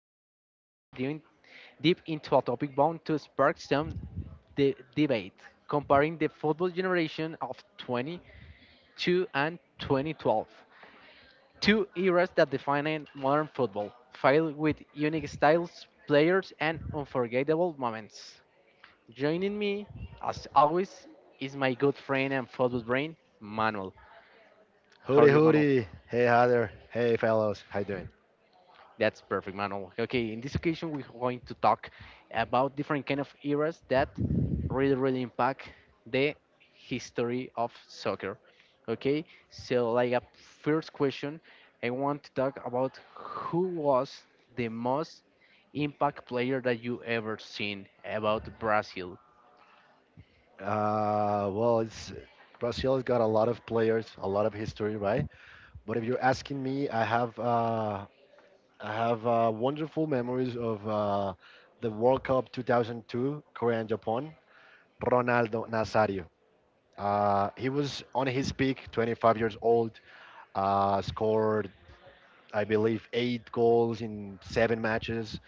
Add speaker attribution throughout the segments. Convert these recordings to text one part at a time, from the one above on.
Speaker 1: Podcast. Today we're diving deep into a topic bound to spark some debate, comparing the football generation of 22 and 2012, two eras that define modern football, filled with unique styles, players, and unforgettable moments. Joining me, as always, is my good friend and football brain, Manuel. How are
Speaker 2: Hooty
Speaker 1: you, Manuel?
Speaker 2: hooty. Hey, hi there. Hey, fellows. How you doing?
Speaker 1: That's perfect, Manuel. Okay, in this occasion, we're going to talk about different kind of eras that really, really impact the history of soccer. Okay, so like a first question, I want to talk about who was the most impact player that you ever seen about Brazil.
Speaker 2: Well, it's Brazil's got a lot of players, a lot of history, right? But if you're asking me, I have wonderful memories of the World Cup 2002, Korea and Japan. Ronaldo Nazario. He was on his peak, 25 years old. Scored, I believe, 8 goals in 7 matches.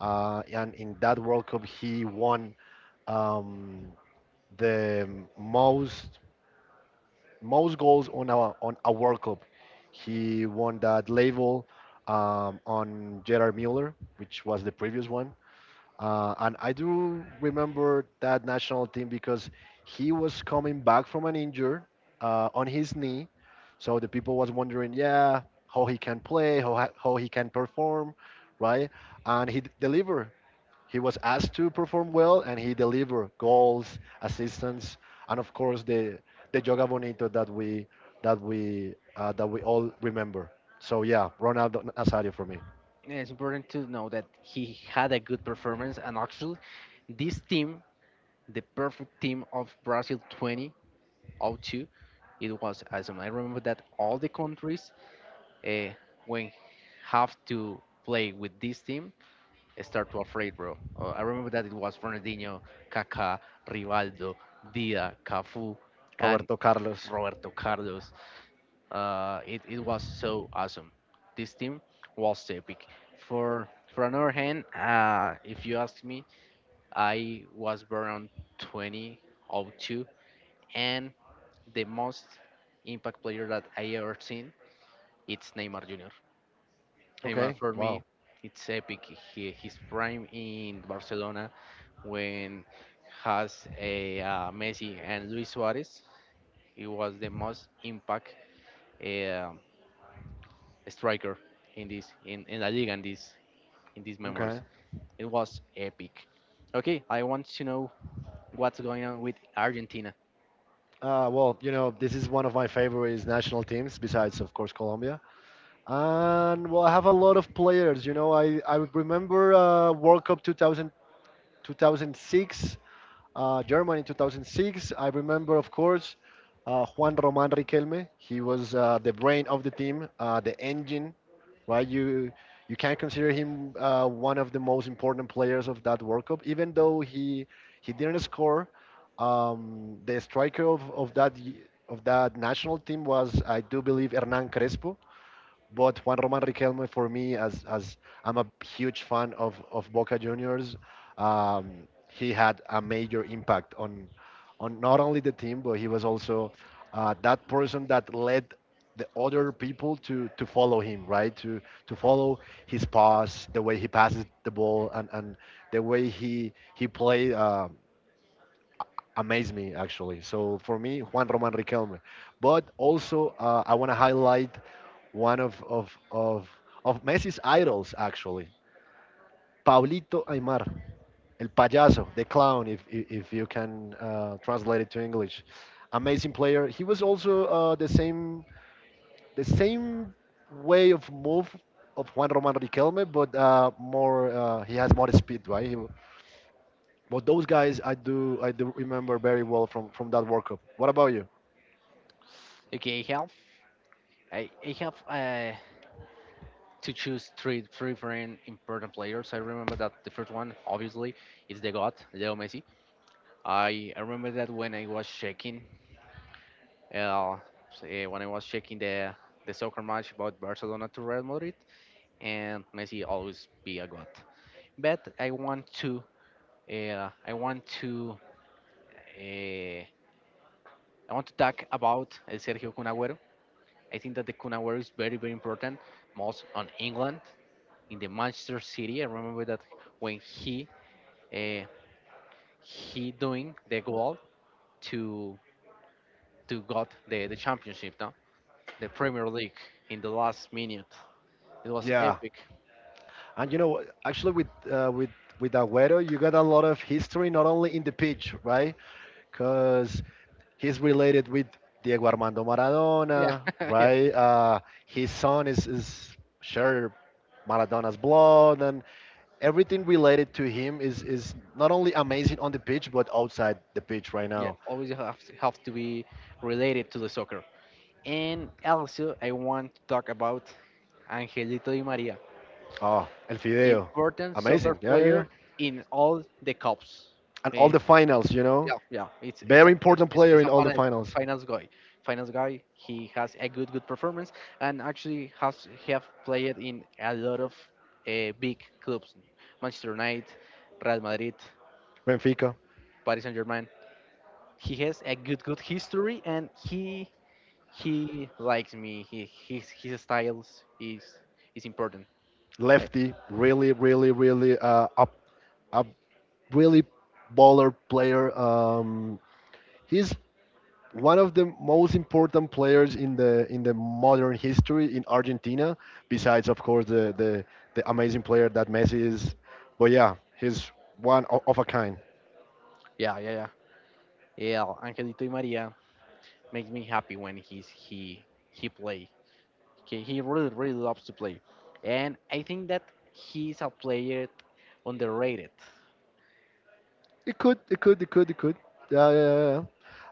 Speaker 2: And in that World Cup, he won. Um, the most most goals on our on a World Cup. He won that label on Gerard Muller, which was the previous one. And I do remember that national team because he was coming back from an injury on his knee, so the people was wondering, yeah, how he can play, how he can perform, right? And he delivered. He was asked to perform well, and he delivered goals, assists, and of course the Joga Bonito that we that we that we all remember. So yeah, Ronaldo Nazario for me.
Speaker 1: And it's important to know that he had a good performance, and actually, this team, the perfect team of Brazil 20, oh 02, it was awesome. I remember that all the countries, uh, when have to play with this team, start to afraid, bro. I remember that it was Ronaldinho, Kaká, Rivaldo, Dida, Cafu, and
Speaker 2: Roberto Carlos.
Speaker 1: Roberto Carlos. It was so awesome. This team was epic. For for another hand, if you ask me, I was born on 2002, and the most impact player that I ever seen. It's Neymar Jr. Neymar
Speaker 2: Okay.
Speaker 1: for me,
Speaker 2: Wow.
Speaker 1: it's epic. His prime in Barcelona when has a Messi and Luis Suarez. He was the most impact uh, striker in La Liga in these memories.
Speaker 2: Okay.
Speaker 1: It was epic. Okay, I want to know what's going on with Argentina.
Speaker 2: Well, you know, this is one of my favorite national teams, besides, of course, Colombia. And, well, I have a lot of players. You know, I remember World Cup 2000, 2006. Germany in 2006. I remember, of course, Juan Roman Riquelme. He was the brain of the team, the engine, right? You can consider him one of the most important players of that World Cup, even though he didn't score. The striker of that national team was, I do believe, Hernan Crespo. But Juan Roman Riquelme, for me, as I'm a huge fan of Boca Juniors, he had a major impact on not only the team, but he was also that person that led the other people to follow him, right? To follow his pass, the way he passes the ball, and the way he played. Amaze me actually. So for me, Juan Roman Riquelme. But also, I want to highlight one of Messi's idols actually, Paulito Aymar, el payaso, the clown, if you can translate it to English. Amazing player. He was also the same way of move of Juan Roman Riquelme, but more he has more speed, right? But those guys, I do remember very well from that World Cup. What about you?
Speaker 1: Okay, I, I have to choose three different important players. I remember that the first one, obviously, is the God, Leo Messi. I remember that uh, when I was checking the soccer match about Barcelona to Real Madrid, and Messi always be a God. But uh, I want to, uh, I want to talk about Sergio Kun Agüero. I think that the Kun Agüero is very important, most on England in the Manchester City. I remember that when uh, he doing the goal to to got the championship, no, the premier league in the last minute. It was
Speaker 2: Yeah,
Speaker 1: epic.
Speaker 2: and you know, actually, with Agüero, you got a lot of history, not only in the pitch, right? Because he's related with Diego Armando
Speaker 1: Yeah.
Speaker 2: Maradona,
Speaker 1: Yeah,
Speaker 2: right? His son is share Maradona's blood, and everything related to him is not only amazing on the pitch but outside the pitch right
Speaker 1: yeah,
Speaker 2: now.
Speaker 1: always have to be related to the soccer. And also, I want to talk about Angelito Di Maria,
Speaker 2: Oh, El Fideo,
Speaker 1: important soccer
Speaker 2: amazing. Yeah, yeah, yeah.
Speaker 1: player in all the cups.
Speaker 2: And all
Speaker 1: Eh,
Speaker 2: the finals, you know.
Speaker 1: Yeah, it's it's
Speaker 2: Very
Speaker 1: a, it's,
Speaker 2: important
Speaker 1: it's
Speaker 2: player
Speaker 1: it's
Speaker 2: in
Speaker 1: a
Speaker 2: all the
Speaker 1: fin-
Speaker 2: finals.
Speaker 1: finance guy. Finance guy. He has a good performance, and actually has he have played in a lot of big clubs, Manchester United, Real Madrid,
Speaker 2: Benfica,
Speaker 1: Paris Saint Germain. He has a good history, and he likes me. He his styles is important. I,
Speaker 2: lefty, really, really up, really baller player. He's one of the most important players in the modern history in Argentina. Besides, of course, the amazing player that Messi is. But yeah, he's of a kind.
Speaker 1: yeah, yeah, yeah, yeah. Angelito y Maria makes me happy when he play. Okay, he really, really loves to play. And I think that he's a player underrated.
Speaker 2: It could. Yeah, yeah, yeah. Yeah.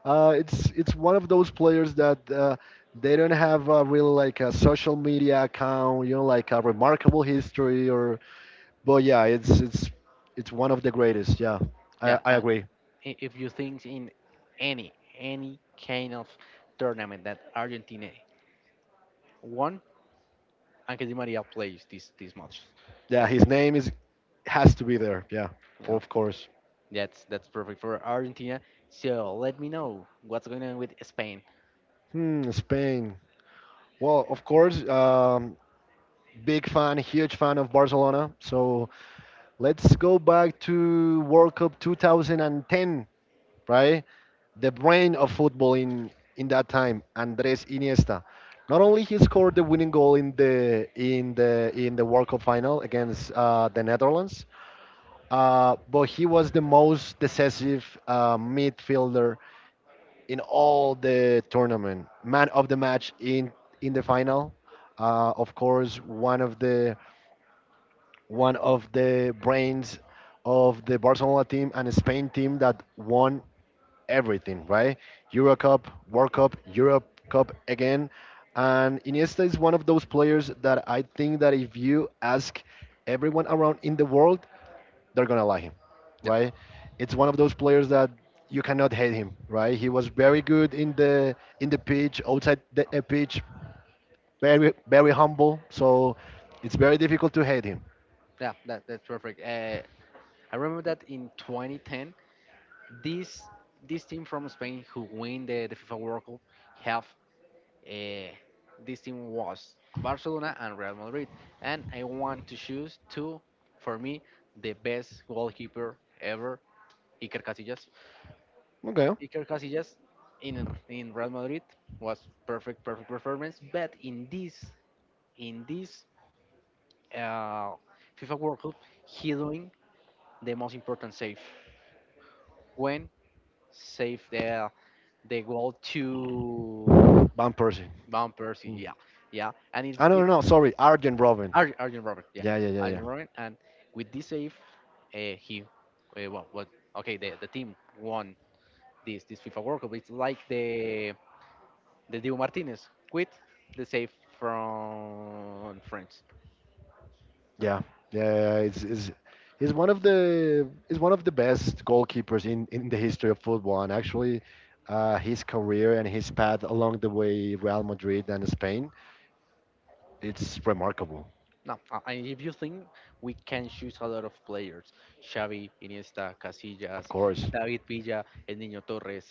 Speaker 2: It's one of those players that they don't have a really like a social media account, you know, like a remarkable history or. But yeah, it's it's one of the greatest. Yeah, I
Speaker 1: Yeah.
Speaker 2: I agree.
Speaker 1: If you think in any kind of tournament that Argentina won, Angel Di Maria plays this much.
Speaker 2: Yeah,
Speaker 1: So,
Speaker 2: his name is has to be there. Yeah, for
Speaker 1: yeah,
Speaker 2: of course.
Speaker 1: that's perfect for Argentina. So let me know what's going on with Spain.
Speaker 2: Hmm, Spain. Well, of course, big fan, huge fan of Barcelona. So let's go back to World Cup 2010, right? The brain of football in that time, Andres Iniesta. Not only he scored the winning goal in the World Cup final against the Netherlands, but he was the most decisive midfielder in all the tournament. Man of the match in the final. Of course, one of the One of the brains of the Barcelona team and Spain team that won everything, right? Euro Cup, World Cup, Europe Cup again. And Iniesta is one of those players that I think that if you ask everyone around in the world, they're gonna like him,
Speaker 1: Yeah,
Speaker 2: right? It's one of those players that you cannot hate him, right? He was very good in the pitch, outside the pitch, very humble. So it's very difficult to hate him.
Speaker 1: yeah. That's perfect. I remember that in 2010, this this team from Spain who win the FIFA World Cup have eh, this team was Barcelona and Real Madrid, and I want to choose two, for me the best goalkeeper ever, Iker Casillas.
Speaker 2: Okay,
Speaker 1: Iker Casillas in Real Madrid was perfect, perfect performance, but in this uh, FIFA World Cup, he doing the most important save when save the goal to
Speaker 2: Van Persie.
Speaker 1: Van Persie, yeah, yeah, and it's
Speaker 2: I don't know. Sorry, Arjen Robin.
Speaker 1: Arjen Robert, yeah,
Speaker 2: Yeah, yeah, yeah, yeah.
Speaker 1: Arjen Robert, and with this save, uh, he, uh, well, well, okay, the team won this FIFA World Cup. It's like the Diego Martinez quit the save from France. So,
Speaker 2: Yeah, yeah, yeah, yeah. it's is he's one of the best goalkeepers in the history of football, and actually, his career and his path along the way Real Madrid and Spain, it's remarkable,
Speaker 1: no, and if you think we can choose a lot of players, Xavi, Iniesta,
Speaker 2: of
Speaker 1: Casillas,
Speaker 2: course.
Speaker 1: David Villa, El Niño Torres,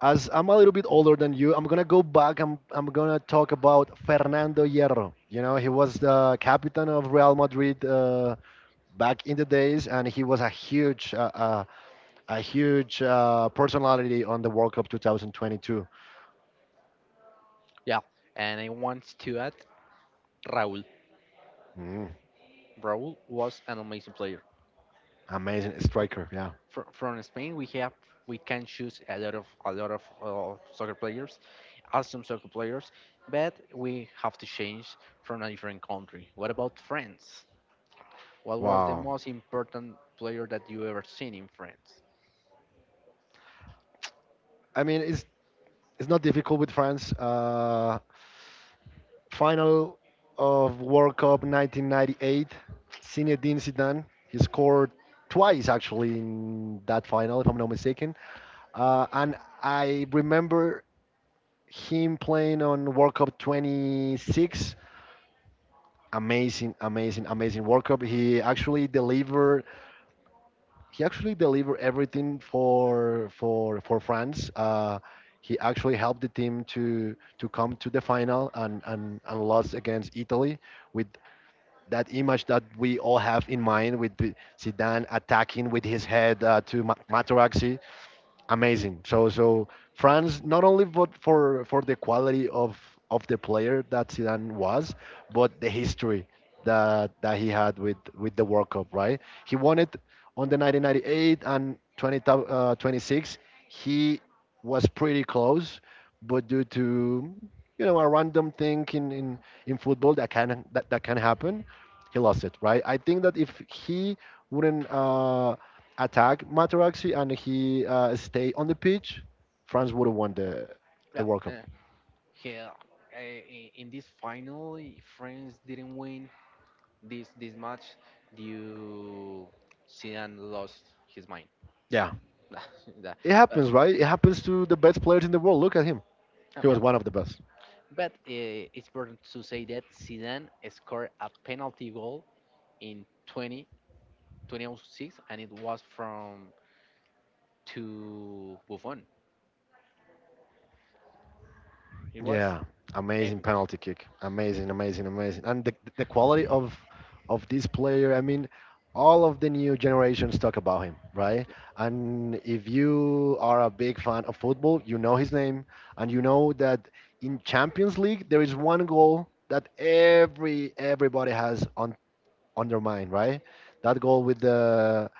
Speaker 2: As I'm a little bit older than you, I'm gonna go back. I'm gonna talk about Fernando Hierro. You know, he was the captain of Real Madrid back in the days, and he was a huge personality on the World Cup 2022.
Speaker 1: yeah, and I want to add Raúl.
Speaker 2: Mm,
Speaker 1: Raúl was an amazing player.
Speaker 2: amazing
Speaker 1: Okay, okay.
Speaker 2: striker, yeah.
Speaker 1: From Spain, we have we can choose a lot of soccer players, awesome soccer players, but we have to change from a different country. What about France? What was the
Speaker 2: Wow.
Speaker 1: most important player that you ever seen in France?
Speaker 2: I mean, it's not difficult with France. Final of World Cup 1998, Zinedine Zidane. He scored twice actually in that final, if I'm not mistaken. And I remember him playing on World Cup 26. Amazing, amazing, amazing World Cup. He actually delivered everything for France. He actually helped the team to come to the final and and lost against Italy with that image that we all have in mind with Zidane attacking with his head to Materazzi. Amazing. So France not only but for the quality of the player that Zidane was, but the history that he had with the World Cup, right? He won it on the 1998 and 26. He was pretty close, but due to you know a random thing in football that can that can happen, he lost it, right? I think that if he wouldn't attack Materazzi and he stay on the pitch, France would have won the
Speaker 1: Well,
Speaker 2: World Cup.
Speaker 1: yeah, in this final, France didn't win this match due Zidane lost his mind.
Speaker 2: Yeah.
Speaker 1: That-
Speaker 2: It happens, right? It happens to the best players in the world. Look at him. He
Speaker 1: yeah.
Speaker 2: was one of the best.
Speaker 1: But It's important to say that Zidane scored a penalty goal in 20, 2006, and it was from to Buffon. It was
Speaker 2: Yeah, amazing
Speaker 1: epic.
Speaker 2: penalty kick. Amazing, amazing, amazing. And the quality of this player, I mean, all of the new generations talk about him, right? And if you are a big fan of football, you know his name and you know that in Champions League there is one goal that everybody has on their mind, right? That goal with the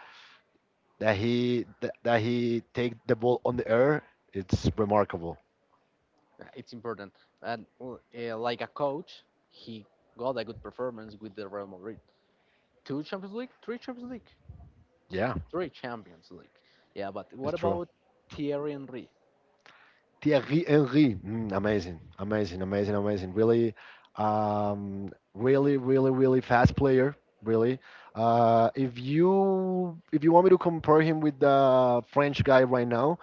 Speaker 2: that he take the ball on the air, it's remarkable.
Speaker 1: Yeah, it's important, and well, like a coach, he got a good performance with the Real Madrid. Two Champions League, three Champions League,
Speaker 2: Yeah,
Speaker 1: three Champions League. Yeah, but
Speaker 2: it's
Speaker 1: what
Speaker 2: true.
Speaker 1: about Thierry Henry?
Speaker 2: Thierry Henry, mm, amazing, amazing, amazing, amazing. Really, really, really, really fast player. Really. If you want me to compare him with the French guy right now,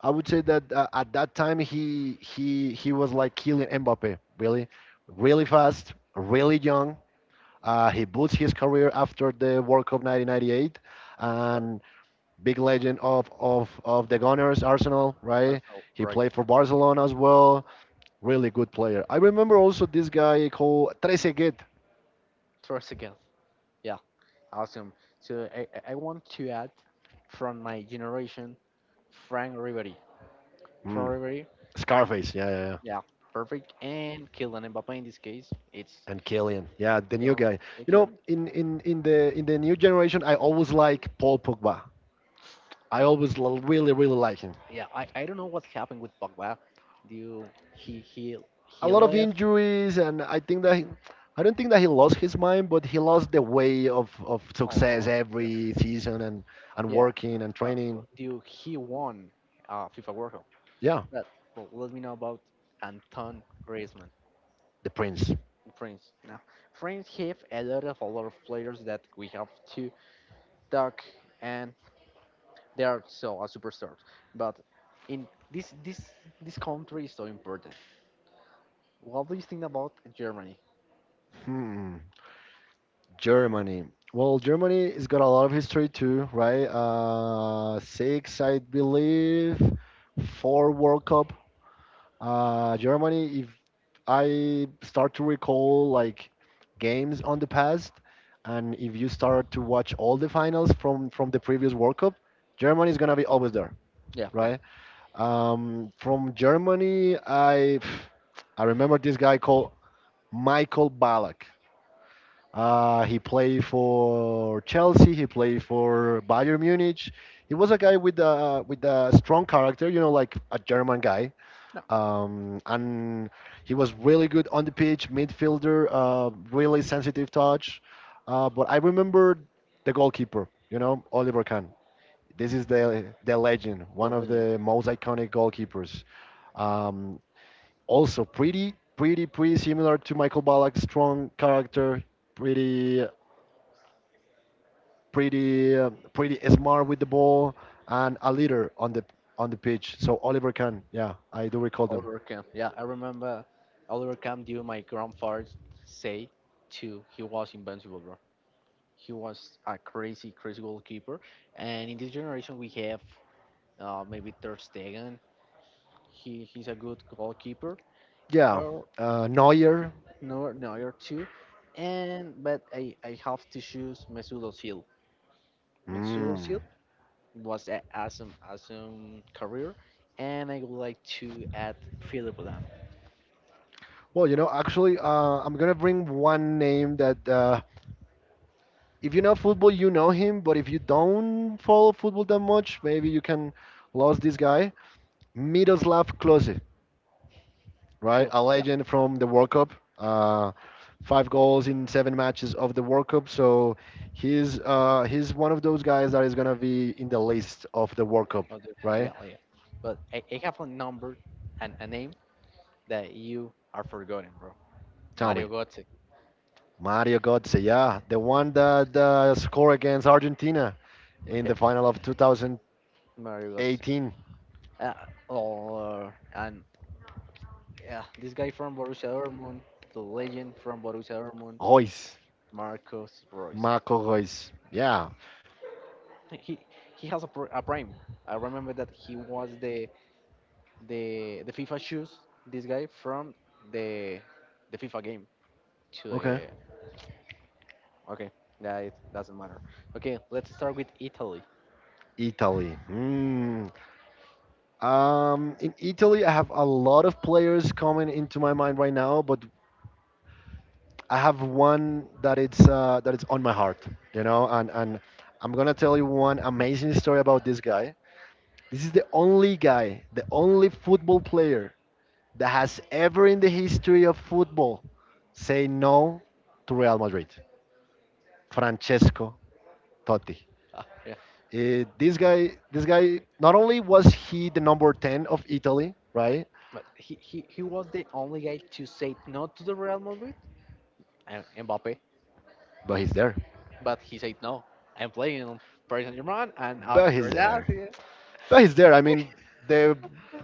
Speaker 2: I would say that at that time he was like killing Mbappe. Really, really fast, really young. He boots his career after the World Cup 1998,
Speaker 1: Start
Speaker 2: and big legend of the Gunners, Arsenal, right?
Speaker 1: Arsenal,
Speaker 2: He
Speaker 1: right?
Speaker 2: played for Barcelona as well. Really good player. I remember also this guy called Trezeguet,
Speaker 1: Trossard. Yeah, awesome. So I want to add from my generation, Frank Ribery. Frank
Speaker 2: mm,
Speaker 1: Ribery,
Speaker 2: Scarface. Yeah, yeah, yeah.
Speaker 1: yeah, perfect. And Kylian Mbappe in this case, it's
Speaker 2: And Killian, yeah, the new
Speaker 1: Kylian
Speaker 2: guy. You
Speaker 1: secular.
Speaker 2: know, in the new generation, I always like Paul Pogba. I always really like him.
Speaker 1: Yeah, I don't know what happened with Pogba. Do you, he he
Speaker 2: A
Speaker 1: he
Speaker 2: lot of
Speaker 1: left?
Speaker 2: injuries, and I think that. I don't think that he lost his mind, but he lost the way of
Speaker 1: Or, or,
Speaker 2: success
Speaker 1: yeah,
Speaker 2: every season and
Speaker 1: yeah.
Speaker 2: working and
Speaker 1: Uh,
Speaker 2: training.
Speaker 1: he won FIFA World Cup?
Speaker 2: Yeah,
Speaker 1: But, well, let me know about Anton Griezmann,
Speaker 2: the prince.
Speaker 1: France. Now, France have a lot of players that we have to Duck, and they are so a superstar. But in this country is so important. What do you think about Germany?
Speaker 2: Hmm, Germany. Well, Germany has got a lot of history too, right? Six, I believe, four World Cup. Germany, if I start to recall like games on the past, and if you start to watch all the finals from the previous World Cup, Germany is gonna be always there,
Speaker 1: Yeah, yeah,
Speaker 2: right? From Germany, I remember this guy called Michael Ballack. He played for Chelsea. He played for Bayern Munich. He was a guy with a strong character, you know, like a German guy.
Speaker 1: no,
Speaker 2: And he was really good on the pitch, midfielder, really sensitive touch. But I remember the goalkeeper, you know, Oliver Kahn. This is the legend,
Speaker 1: the
Speaker 2: one of
Speaker 1: legend
Speaker 2: the most iconic goalkeepers. Um, Also pretty similar to Michael Ballack, strong character. Pretty Pretty smart with the ball and a leader on the pitch. So Oliver Kahn, yeah, I do recall them.
Speaker 1: Oliver Kahn. Yeah, I remember Oliver Kahn. Due my grandfather say to he was invincible, bro. He was a crazy, crazy goalkeeper. And in this generation, we have maybe Ter Stegen. He's a good goalkeeper.
Speaker 2: Yeah, Neuer.
Speaker 1: No, no, you're two. And but I have to choose Mesut Özil. Mesut
Speaker 2: Mm.
Speaker 1: Özil was an awesome career, and I would like to add Philip Lam.
Speaker 2: I'm gonna bring one name that if you know football, you know him, but if you don't follow football that much, maybe you can lose this guy, Miroslav Klose. Right? A
Speaker 1: Close, yeah,
Speaker 2: legend from the World Cup. Uh, Five goals in seven matches of the World Cup. So he's one of those guys that is gonna be in the list of the World Cup,
Speaker 1: oh, yeah,
Speaker 2: right?
Speaker 1: yeah. But I have a number and a name that you are forgotten, bro.
Speaker 2: Tell me,
Speaker 1: Mario Götze.
Speaker 2: Mario Götze, yeah, the one that scored against Argentina in the final of 2018.
Speaker 1: Mario Götze. Uh, or and Yeah, this guy from Borussia Dortmund, the legend from Borussia Dortmund,
Speaker 2: Royce,
Speaker 1: Marcus Royce.
Speaker 2: Marco Royce, yeah,
Speaker 1: Like, he has a prime. I remember that he was the FIFA shoes. This guy from the the FIFA game to
Speaker 2: okay.
Speaker 1: the okay. Yeah, it doesn't matter. Okay, let's start with Italy.
Speaker 2: Italy. Hmm. In Italy, I have a lot of players coming into my mind right now, but I have one that it's on my heart, you know, and I'm gonna tell you one amazing story about this guy. This is the only guy, the only football player that has ever in the history of football say no to Real Madrid. Francesco Totti.
Speaker 1: Ah, yeah,
Speaker 2: This guy, not only was he the number ten of Italy, right?
Speaker 1: but he was the only guy to say no to the Real Madrid and Mbappe,
Speaker 2: But he's there.
Speaker 1: but he said no. I'm playing on Paris Saint Germain, and
Speaker 2: But
Speaker 1: after
Speaker 2: he's
Speaker 1: that,
Speaker 2: there.
Speaker 1: yeah,
Speaker 2: But he's there. I mean, the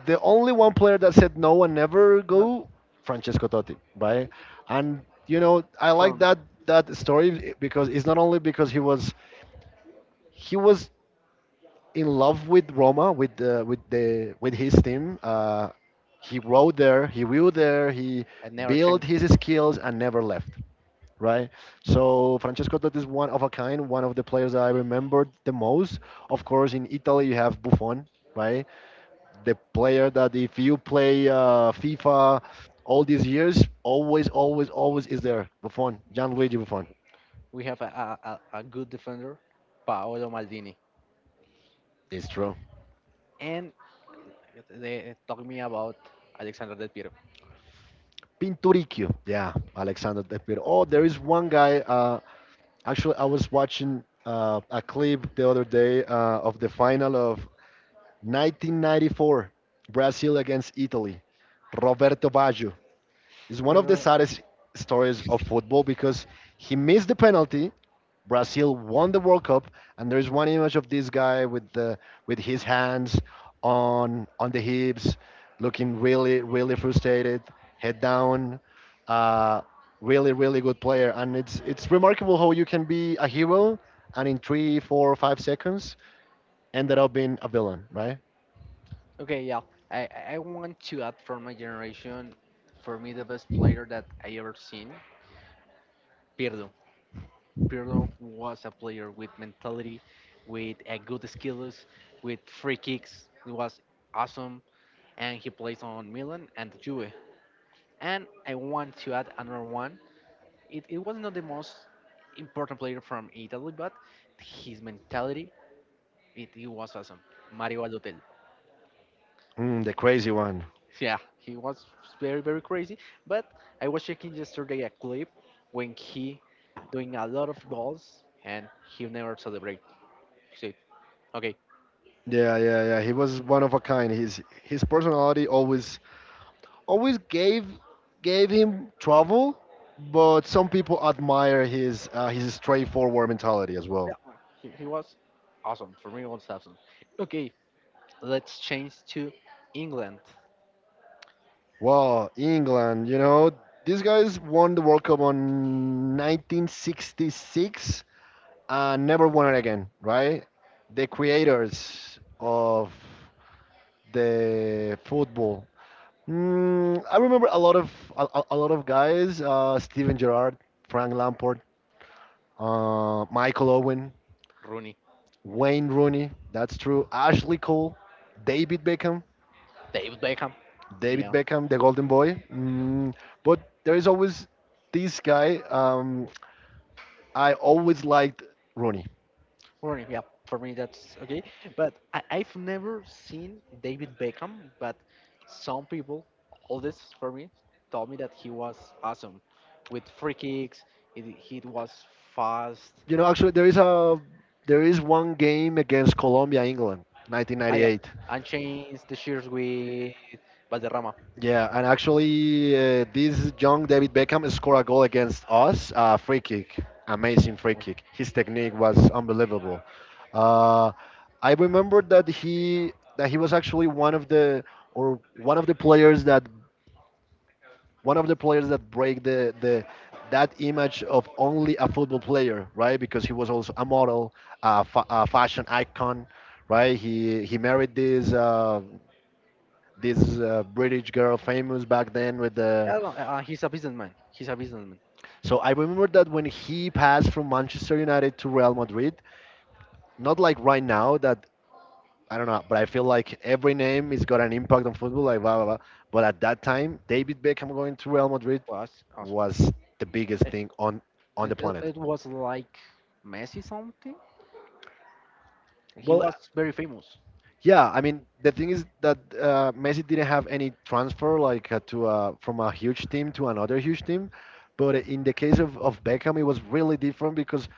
Speaker 2: the only one player that said no and never
Speaker 1: no,
Speaker 2: go, Francesco Totti, right? And you know, I like
Speaker 1: from
Speaker 2: that that story because it's not only because he was in love with Roma, with the with the with his team. He rode there, he grew there, he
Speaker 1: and never
Speaker 2: built
Speaker 1: changed.
Speaker 2: his skills and never left, right? So Francesco Totti is one of a kind, one of the players that I remembered the most. Of course, in Italy you have Buffon, right? The player that if you play FIFA all these years, always, always, always is there. Buffon, Gianluigi Buffon.
Speaker 1: We have a good defender, Paolo Maldini,
Speaker 2: It's true.
Speaker 1: and they talk me about Alexander Del Piero.
Speaker 2: Pinturicchio. Yeah, Alexander Del Piero. Oh, there is one guy. Actually, I was watching a clip the other day of the final of 1994, Brazil against Italy. Roberto Baggio. It's one of the
Speaker 1: Uh,
Speaker 2: saddest stories of football because he missed the penalty. Brazil won the World Cup, and there's one image of this guy with the with his hands on the hips, looking really really frustrated, head down. Uh, Really really good player, and it's remarkable how you can be a hero and in three, four, 5 seconds ended up being a villain, right?
Speaker 1: okay, yeah. I want to add from my generation, for me, the best player that I ever seen, Pirlo. Pirlo was a player with mentality, with a good skills, with free kicks. It was awesome. And he plays on Milan and Juve. And I want to add another one. It was not the most important player from Italy, but his mentality, it was awesome. Mario Balotelli.
Speaker 2: Mm, the crazy one.
Speaker 1: Yeah, he was very, very crazy. But I was checking yesterday a clip when he doing a lot of goals and he never celebrate. He said, okay,
Speaker 2: Yeah, yeah, yeah. He was one of a kind. His personality always gave him trouble, but some people admire his straightforward mentality as
Speaker 1: yeah,
Speaker 2: well.
Speaker 1: he was awesome. For me, it was awesome. Okay, let's change to England.
Speaker 2: Well, England, you know, these guys won the World Cup on 1966 and never won it again, right? The creators of the football. Mm, I remember a lot of a lot of guys: Steven Gerrard, Frank Lampard, Michael Owen,
Speaker 1: Rooney,
Speaker 2: Wayne Rooney, that's true. Ashley Cole, David Beckham,
Speaker 1: David Beckham.
Speaker 2: David
Speaker 1: Yeah.
Speaker 2: Beckham, the Golden Boy. Mm, but there is always this guy. I always liked Rooney.
Speaker 1: Rooney, yeah, for me that's okay. But I've never seen David Beckham, but some people, all this for me, told me that he was awesome with free kicks. It he was fast.
Speaker 2: You know, actually, there is one game against Colombia, England,
Speaker 1: I am
Speaker 2: 1998.
Speaker 1: unchanged the shears with Valderrama.
Speaker 2: Yeah, and actually, this young David Beckham scored a goal against us. A free kick, amazing free
Speaker 1: Was,
Speaker 2: kick. His technique was unbelievable. Uh, I remember that he was actually one of the or one of the players that one of the players that break the that image of only a football player, right? Because he was also a model, a fashion icon, right? He married this British girl, famous back then with
Speaker 1: I
Speaker 2: the
Speaker 1: don't know. He's a businessman. He's a businessman.
Speaker 2: So I remember that when he passed from Manchester United to Real Madrid, not like right now that I don't know, but I feel like every name has got an impact on football, like blah blah blah. But at that time, David Beckham going to Real Madrid
Speaker 1: Was awesome.
Speaker 2: was the biggest
Speaker 1: It,
Speaker 2: thing on
Speaker 1: it,
Speaker 2: the
Speaker 1: it
Speaker 2: planet.
Speaker 1: it was like Messi something. He
Speaker 2: Well,
Speaker 1: was very famous.
Speaker 2: Yeah, I mean the thing is that Messi didn't have any transfer like to from a huge team to another huge team, but in the case of Beckham, it was really different because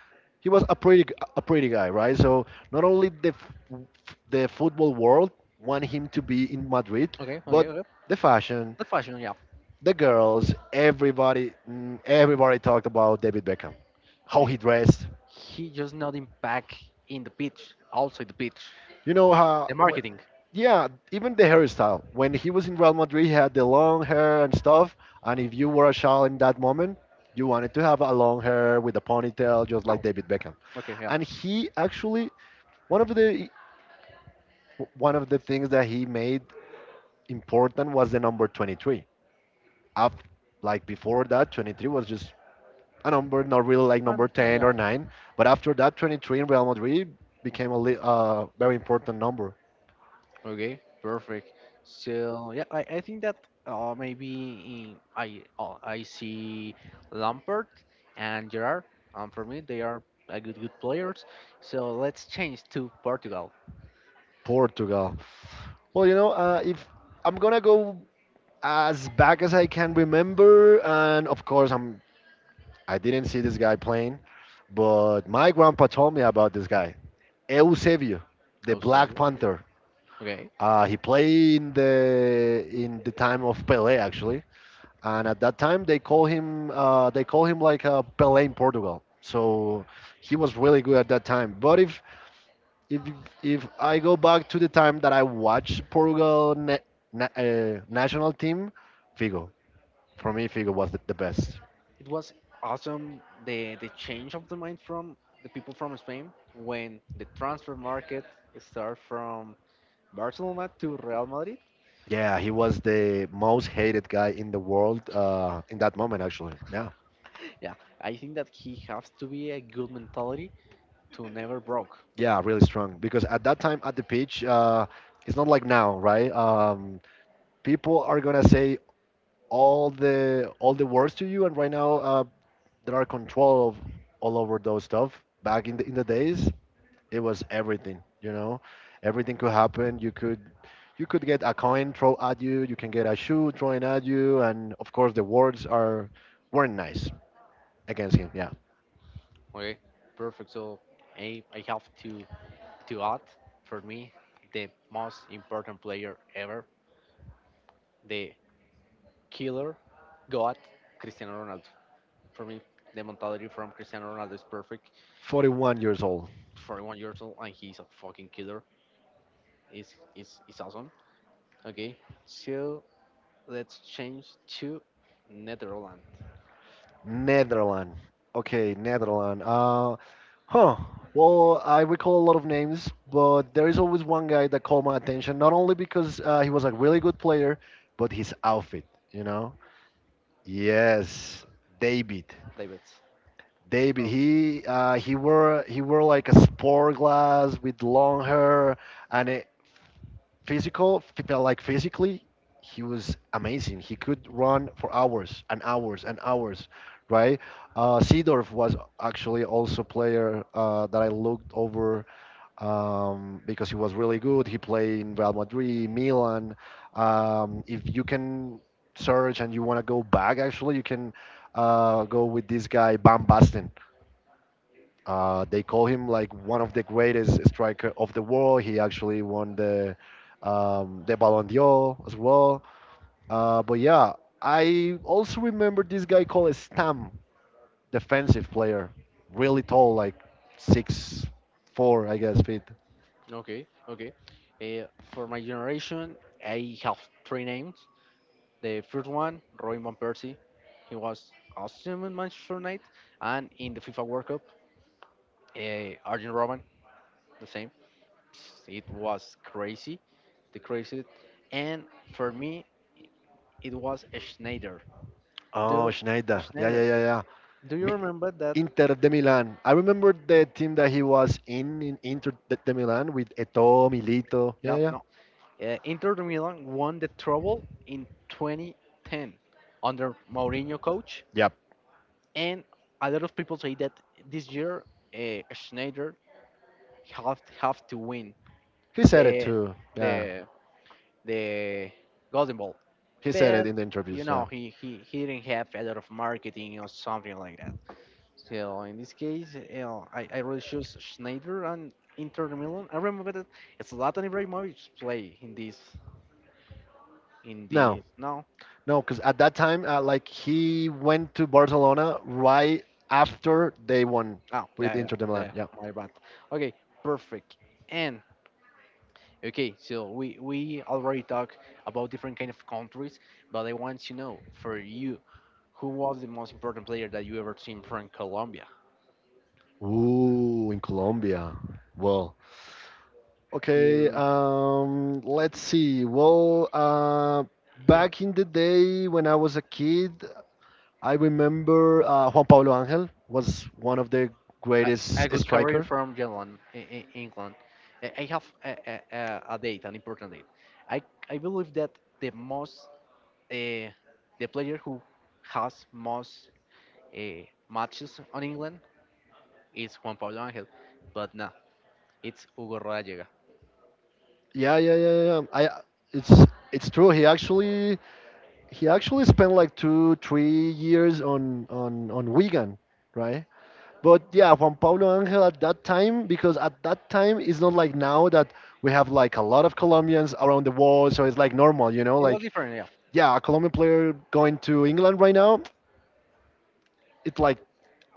Speaker 2: he was a pretty guy, right? So not only the football world want him to be in Madrid,
Speaker 1: Okay, okay,
Speaker 2: but
Speaker 1: okay.
Speaker 2: the fashion,
Speaker 1: The fashion, yeah.
Speaker 2: the girls, everybody mm, everybody talked about David Beckham, how
Speaker 1: Eh,
Speaker 2: he dressed,
Speaker 1: He just not in back in the pitch, outside the pitch.
Speaker 2: You know how
Speaker 1: The
Speaker 2: when,
Speaker 1: marketing.
Speaker 2: yeah, even the hairstyle. When he was in Real Madrid, he had the long hair and stuff. And if you were a child in that moment, you wanted to have a long hair with a ponytail, just like
Speaker 1: Oh,
Speaker 2: David Beckham.
Speaker 1: okay, yeah.
Speaker 2: And he actually one of the one of the things that he made important was the number 23. After, like before that, 23 was just a number, not really like number
Speaker 1: Yeah,
Speaker 2: 10
Speaker 1: yeah.
Speaker 2: or 9. But after that, 23 in Real Madrid became a very important number.
Speaker 1: Okay, perfect. So yeah, I think that maybe in, I see Lampard and Gerard. For me, they are a good players. So let's change to Portugal.
Speaker 2: Portugal. Well, you know, if I'm gonna go as back as I can remember, and of course, I didn't see this guy playing, but my grandpa told me about this guy, Eusebio, the
Speaker 1: Also,
Speaker 2: Black Panther.
Speaker 1: okay.
Speaker 2: He played in the time of Pelé actually, and at that time they call him like a Pelé in Portugal. So he was really good at that time. But if if I go back to the time that I watched Portugal national team, Figo. For me, Figo was the best.
Speaker 1: It was awesome the change of the mind from the people from Spain when the transfer market start from Barcelona to Real Madrid.
Speaker 2: Yeah, he was the most hated guy in the world in that moment, actually. Yeah,
Speaker 1: Yeah, I think that he has to be a good mentality to never broke.
Speaker 2: yeah, really strong. Because at that time at the pitch, it's not like now, right? People are gonna say all the words to you, and right now there are control of all over those stuff. Back in the days, it was everything, you know, everything could happen, you could get a coin thrown at you, you can get a shoe thrown at you, and of course the words are weren't nice against him, yeah.
Speaker 1: Okay, perfect. So I have to add for me the most important player ever, the killer god Cristiano Ronaldo. For me, the mentality from Cristiano Ronaldo is perfect.
Speaker 2: 41 years old.
Speaker 1: 41 years old and he's a fucking killer. It's awesome. Okay, so let's change to Netherlands,
Speaker 2: Netherlands. Okay, Netherlands. Huh well, I recall a lot of names, but there is always one guy that caught my attention, not only because he was a really good player, but his outfit, you know. Yes, David.
Speaker 1: David.
Speaker 2: David,
Speaker 1: Oh,
Speaker 2: he wore like a sport glass with long hair, and physical, physically, he was amazing. He could run for hours and hours and hours, right? Seedorf was actually also player that I looked over, because he was really good. He played in Real Madrid, Milan. If you can search and you want to go back, actually, you can go with this guy Van Basten. They call him like one of the greatest striker of the world. He actually won the Ballon d'Or as well. But yeah, I also remember this guy called Stam, defensive player, really tall, like 6'4", I guess, feet.
Speaker 1: okay, okay. Uh, for my generation, I have three names. The first one, Robin Van Persie. He was awesome in Manchester United and in the FIFA World Cup. Arjen Robben, the same. It was crazy, the crazy. And for me, it was Schneider.
Speaker 2: Oh,
Speaker 1: Do
Speaker 2: Schneider. Yeah, yeah,
Speaker 1: Schneider.
Speaker 2: yeah, yeah.
Speaker 1: Do you
Speaker 2: Mi-
Speaker 1: remember that?
Speaker 2: Inter de Milan. I remember the team that he was in Inter de Milan with Eto'o, Milito. Yeah,
Speaker 1: No,
Speaker 2: yeah.
Speaker 1: no. Inter de Milan won the treble in 2010 under Mourinho coach,
Speaker 2: Yep.
Speaker 1: and a lot of people say that this year Schneider have to win
Speaker 2: He said it
Speaker 1: the
Speaker 2: too. Yeah.
Speaker 1: the the Golden Ball,
Speaker 2: He said it
Speaker 1: but
Speaker 2: in the
Speaker 1: you
Speaker 2: interviews. Yeah.
Speaker 1: know he didn't have a lot of marketing or something like that. So in this case, you know, I really choose Schneider and Inter de Milan. I remember that Zlatan Ibrahimovic play in this in
Speaker 2: Now,
Speaker 1: the no.
Speaker 2: No, because at that time, like he went to Barcelona right after they won
Speaker 1: Oh,
Speaker 2: with
Speaker 1: yeah, yeah,
Speaker 2: Inter de Milan.
Speaker 1: yeah,
Speaker 2: Yeah.
Speaker 1: yeah, my bad. Okay, perfect. And okay, so we already talked about different kind of countries, but I want to know for you, who was the most important player that you ever seen from Colombia?
Speaker 2: Ooh, in Colombia. Well,
Speaker 1: Do
Speaker 2: okay.
Speaker 1: you
Speaker 2: Let's see.
Speaker 1: you have
Speaker 2: Back in the day when I was a kid, I remember Juan Pablo Angel was one of the
Speaker 1: a,
Speaker 2: greatest
Speaker 1: a good career
Speaker 2: striker.
Speaker 1: from England? England. I have a date, an important date. I I believe that the most uh, the player who has most uh, matches on England, it's Juan Pablo Angel, but no, it's Hugo Rodallega.
Speaker 2: Yeah, yeah, yeah, yeah, yeah. I it's it's true. He actually spent like two, 3 years on Wigan, right? But yeah, Juan Pablo Angel at that time, because at that time it's not like now that we have like a lot of Colombians around the world, so it's like normal, you know.
Speaker 1: It was
Speaker 2: Like
Speaker 1: different, yeah.
Speaker 2: yeah, a Colombian player going to England right now, it's like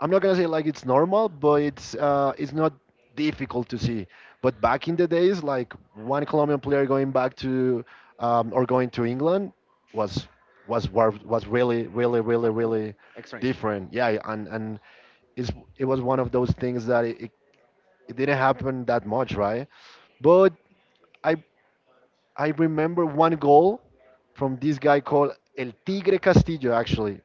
Speaker 2: I'm not gonna say like it's normal, but it's not difficult to see. But back in the days, like one Colombian player going back to or going to England was was really really really really
Speaker 1: Strange.
Speaker 2: different. Yeah, and it's, it was one of those things it didn't happen that much, right? But I I remember one goal from this guy called El Tigre Castillo actually.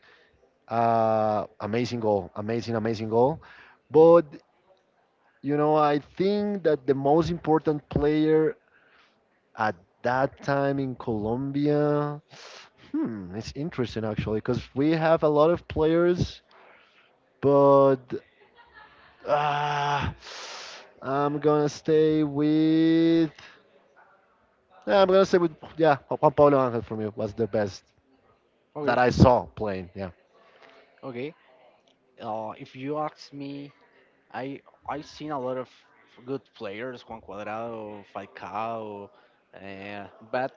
Speaker 2: Amazing goal, amazing amazing goal. But You know, I think that the most important player at that time in Colombia, hmm, it's interesting actually, because we have a lot of players, but uh, I'm gonna stay with. I'm gonna stay with, yeah, Juan Pablo Angel from you was the best
Speaker 1: Okay.
Speaker 2: that I saw playing. Yeah.
Speaker 1: Okay. If you ask me, I I seen a lot of good players, Juan Cuadrado, Falcao, uh, but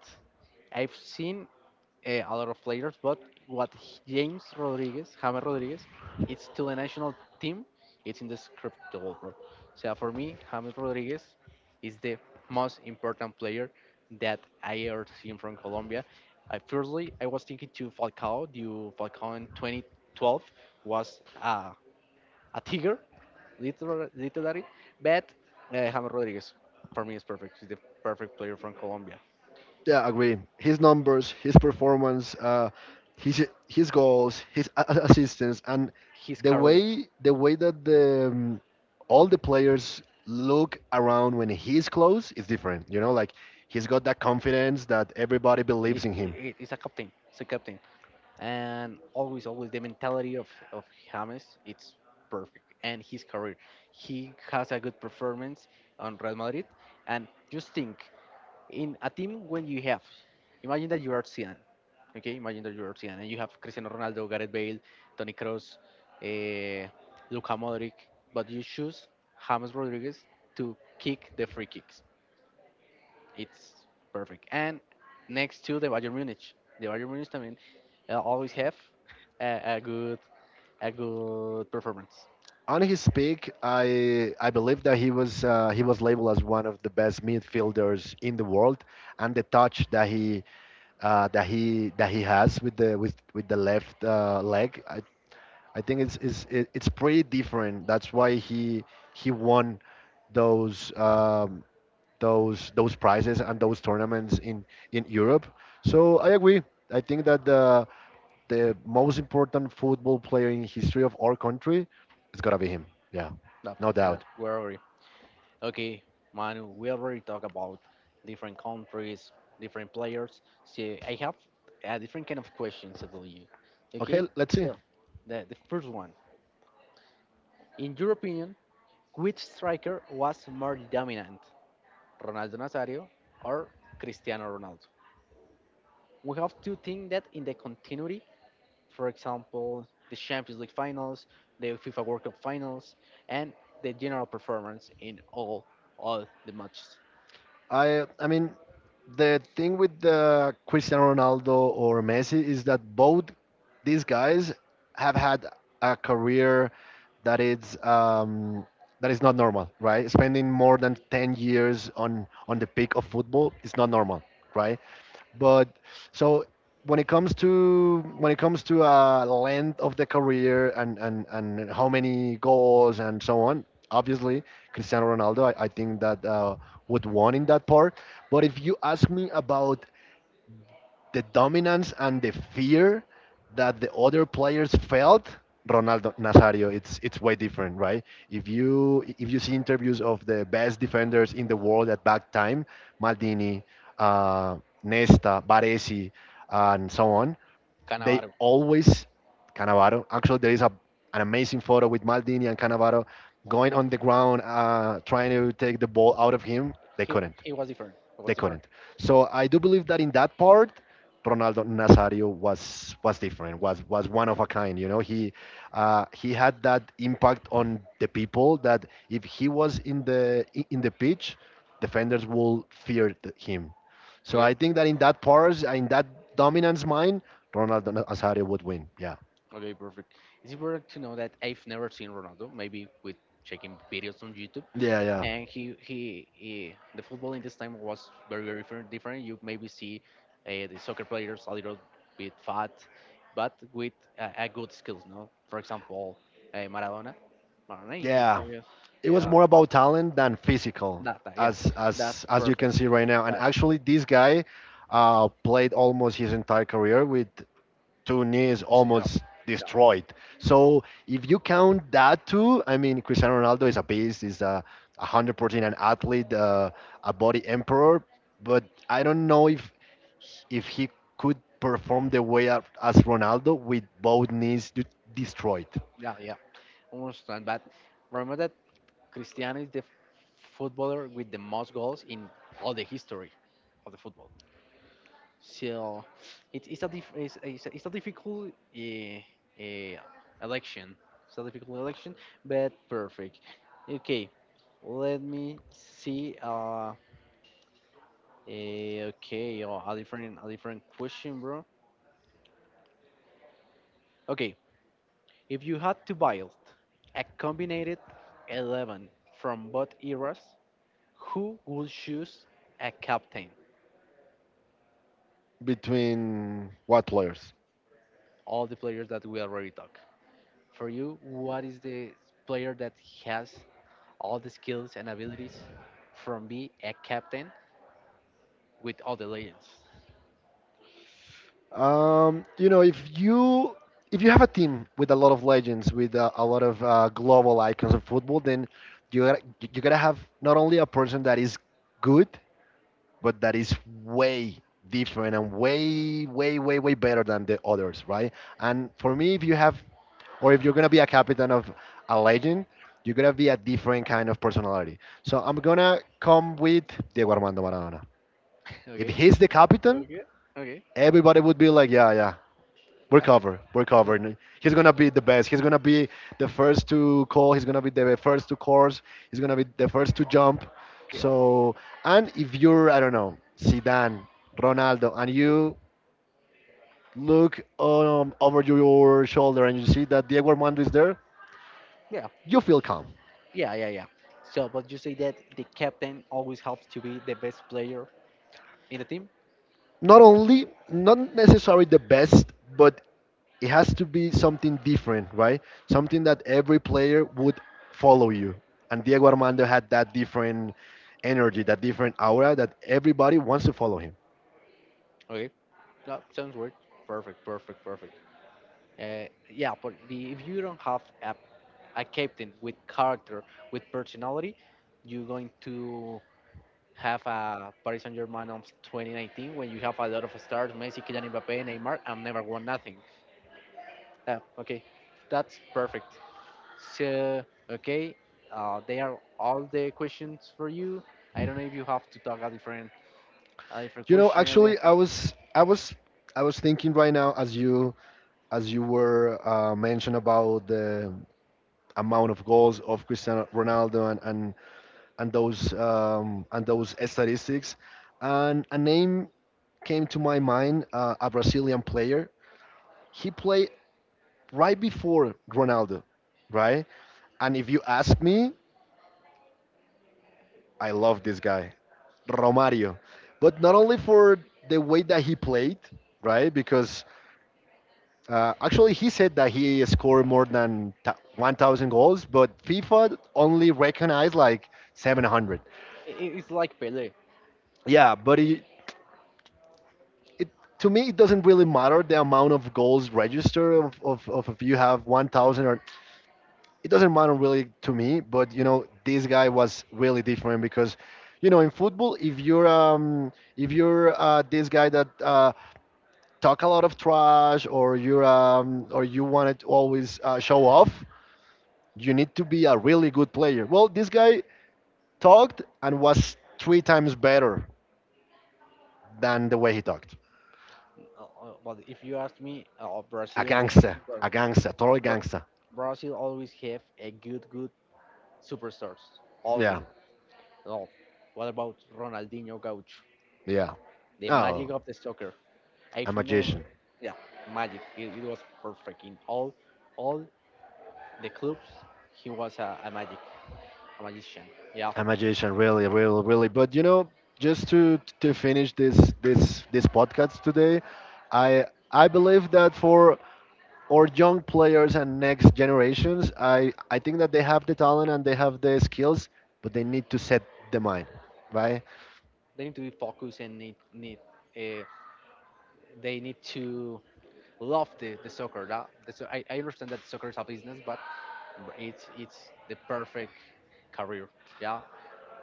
Speaker 1: I've seen a lot of players, but James Rodriguez, James Rodriguez, it's to the national team, it's indescriptible, bro. So for me, James Rodriguez is the most important player that I ever seen from Colombia. I firstly, I was thinking to Falcao. Due Falcao in 2012 was a tiger, literally, literally. But James Rodriguez, for me, is perfect. He's the perfect player from Colombia.
Speaker 2: Yeah, agree. His numbers, his performance, his goals, his assistance, and
Speaker 1: His
Speaker 2: the
Speaker 1: career,
Speaker 2: way the way that the all the players look around when he's close is different. You know, like he's got that confidence that everybody believes in him.
Speaker 1: it's a captain. It's a captain. And always always the mentality of James, it's perfect, and his career, he has a good performance on Real Madrid. And just think, in a team when you have, imagine that you are Zidane, okay, imagine that you are Zidane and you have Cristiano Ronaldo, Gareth Bale, Toni Kroos, eh, Luka Modric, but you choose James Rodriguez to kick the free kicks, it's perfect. And next to the Bayern Munich también always have a, a good a good performance.
Speaker 2: On his peak, I believe that he was labeled as one of the best midfielders in the world, and the touch that he that he has with the with the left leg. I think it's pretty different. That's why he won those those prizes and those tournaments in Europe. So I agree. I think that the most important football player in history of our country, is has gotta be him. Yeah,
Speaker 1: No,
Speaker 2: no
Speaker 1: that's
Speaker 2: doubt.
Speaker 1: where we, okay, Manu. We already talked about different countries, different players. So I have a different kind of questions about you.
Speaker 2: Okay,
Speaker 1: Okay,
Speaker 2: let's see.
Speaker 1: so the first one, in your opinion, which striker was more dominant, Ronaldo Nazario or Cristiano Ronaldo? We have to think that in the continuity, for example, the Champions League finals, the FIFA World Cup finals, and the general performance in all the matches.
Speaker 2: I mean the thing with the Cristiano Ronaldo or Messi is that both these guys have had a career that is that is not normal, right? Spending more than 10 years on the peak of football is not normal, right? But so when it comes to length of the career and how many goals and so on, obviously Cristiano Ronaldo, I think that would won in that part. But if you ask me about the dominance and the fear that the other players felt Ronaldo Nazario it's way different, right? If you if you see interviews of the best defenders in the world at that time, Maldini, uh, Nesta, Baresi, and so on, they
Speaker 1: Cannavaro,
Speaker 2: always Cannavaro actually there is a an amazing photo with Maldini and Cannavaro going on the ground trying to take the ball out of him, they
Speaker 1: he,
Speaker 2: couldn't,
Speaker 1: he was different. He was
Speaker 2: they
Speaker 1: different.
Speaker 2: couldn't. So I do believe that in that part, Ronaldo Nazario was different, was one of a kind. You know, he had that impact on the people that if he was in the pitch, defenders will fear him. So
Speaker 1: Okay.
Speaker 2: I think that in that part, in that dominance mind, Ronaldo Nazario would win. Yeah,
Speaker 1: Okay, perfect. It's important to know that I've never seen Ronaldo. Maybe with checking videos on YouTube,
Speaker 2: yeah, yeah,
Speaker 1: and he he the football in this time was very very different. Different. You maybe see the soccer players a little bit fat, but with a good skills. No, for example, Maradona. Maradona,
Speaker 2: yeah. It was
Speaker 1: yeah,
Speaker 2: more about talent than physical,
Speaker 1: yeah,
Speaker 2: as as
Speaker 1: that's
Speaker 2: as you can
Speaker 1: perfect.
Speaker 2: see right now. And
Speaker 1: But
Speaker 2: actually, this guy played almost his entire career with two knees
Speaker 1: so, you know,
Speaker 2: almost
Speaker 1: yeah,
Speaker 2: destroyed. So if you count that too, I mean, Cristiano Ronaldo is a beast. Is 100% an athlete, a body emperor. But I don't know if he could perform the way of- as Ronaldo with both knees destroyed.
Speaker 1: yeah, yeah, understand. But remember that Cristiano is the footballer with the most goals in all the history of the football. So it's a difficult uh, election. It's a difficult election, but perfect. Okay, let me see. Okay, oh, a different question, bro. Okay, if you had to build a combined 11 from both eras, who would choose a captain?
Speaker 2: Between what players?
Speaker 1: All the players that we already talked. For you, what is the player that has all the skills and abilities from being a captain with all the legends?
Speaker 2: You know, if you have a team with a lot of legends, with a lot of global icons of football, then you gotta you gotta have not only a person that is good, but that is way different and way better than the others, right? And for me, if you have or if you're gonna be a captain of a legend, you're gonna be a different kind of personality. So I'm gonna come with Diego Armando Maradona. If
Speaker 1: Okay.
Speaker 2: he's the captain,
Speaker 1: Okay. Okay.
Speaker 2: everybody would be like, yeah, yeah, we're
Speaker 1: Yeah.
Speaker 2: covered. We're
Speaker 1: Mm.
Speaker 2: covered. He's gonna be the best. He's gonna be the first to call. He's gonna be the first to course. He's gonna be the first to jump. So, and if you're, I don't know, Zidane, Ronaldo, and you look over your shoulder and you see that Diego Armando is there,
Speaker 1: Yeah,
Speaker 2: you feel calm.
Speaker 1: yeah, yeah, yeah. So, but you say that the captain always helps to be the best player in the team?
Speaker 2: Not only, not necessarily the best, but it has to be something different, right? Something that every player would follow you. And Diego Armando had that different energy, that different aura that everybody wants to follow him.
Speaker 1: Okay. Yeah, sounds good. Perfect, perfect, perfect. Yeah, but the, if you don't have a captain with character, with personality, you're going to have a Paris Saint Germain of 2019 when you have a lot of stars, Messi, Kylian Mbappe, Neymar, and never won nothing. Okay, that's perfect. So, okay, they are all the questions for you. I don't know if you have to talk a a different
Speaker 2: You know,
Speaker 1: question. I mean,
Speaker 2: actually, I was thinking right now as you, as you were mentioned about the amount of goals of Cristiano Ronaldo and and those and those statistics, and a name came to my mind, a Brazilian player. He played right before Ronaldo, right? And if you ask me, I love this guy, Romario. But not only for the way that he played, right? Because actually, he said that he scored more than 1,000 goals, but FIFA only recognized like 700.
Speaker 1: it's like Pele.
Speaker 2: Yeah, but it, to me, it doesn't really matter the amount of goals registered of if you have 1,000 or it doesn't matter really to me. But you know, this guy was really different because, you know, in football, if you're if you're this guy that talk a lot of trash or you're or you want to always show off, you need to be a really good player. Well, this guy talked and was 3 times better than the way he talked.
Speaker 1: But if you ask me, Brazil, Bra-
Speaker 2: A gangster, total
Speaker 1: Bra-
Speaker 2: gangster.
Speaker 1: Brazil always have a good, good superstars. Always.
Speaker 2: Yeah,
Speaker 1: Oh, what about Ronaldinho Gaucho?
Speaker 2: yeah.
Speaker 1: The magic
Speaker 2: Oh,
Speaker 1: of the soccer.
Speaker 2: a
Speaker 1: I've never.
Speaker 2: magician.
Speaker 1: Yeah, magic. It was perfect in all the clubs. He was a magic, a magician. Yeah,
Speaker 2: A magician, really, really, really. But you know, just to finish this podcast today, I I believe that for our young players and next generations, I think that they have the talent and they have the skills, but they need to set the mind, right?
Speaker 1: they need to be focused and need. Uh, they need to love the soccer. I understand that soccer is a business, but it's the perfect career. Yeah.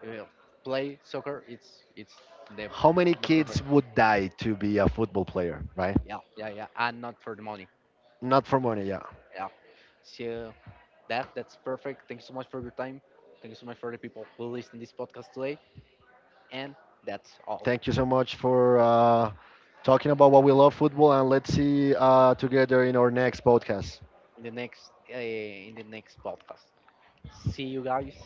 Speaker 1: Uh, Play soccer. It's the
Speaker 2: How many
Speaker 1: the perfect.
Speaker 2: kids would die to be a football player, right?
Speaker 1: Yeah, yeah, yeah, and not for the money.
Speaker 2: Not for money, yeah.
Speaker 1: Yeah. So that's perfect. Thank you so much for your time. Thank you so much for the people who listen this podcast today. And that's all.
Speaker 2: Thank you so much for talking about what we love football, and let's see together in our next podcast.
Speaker 1: In the next podcast. See you guys.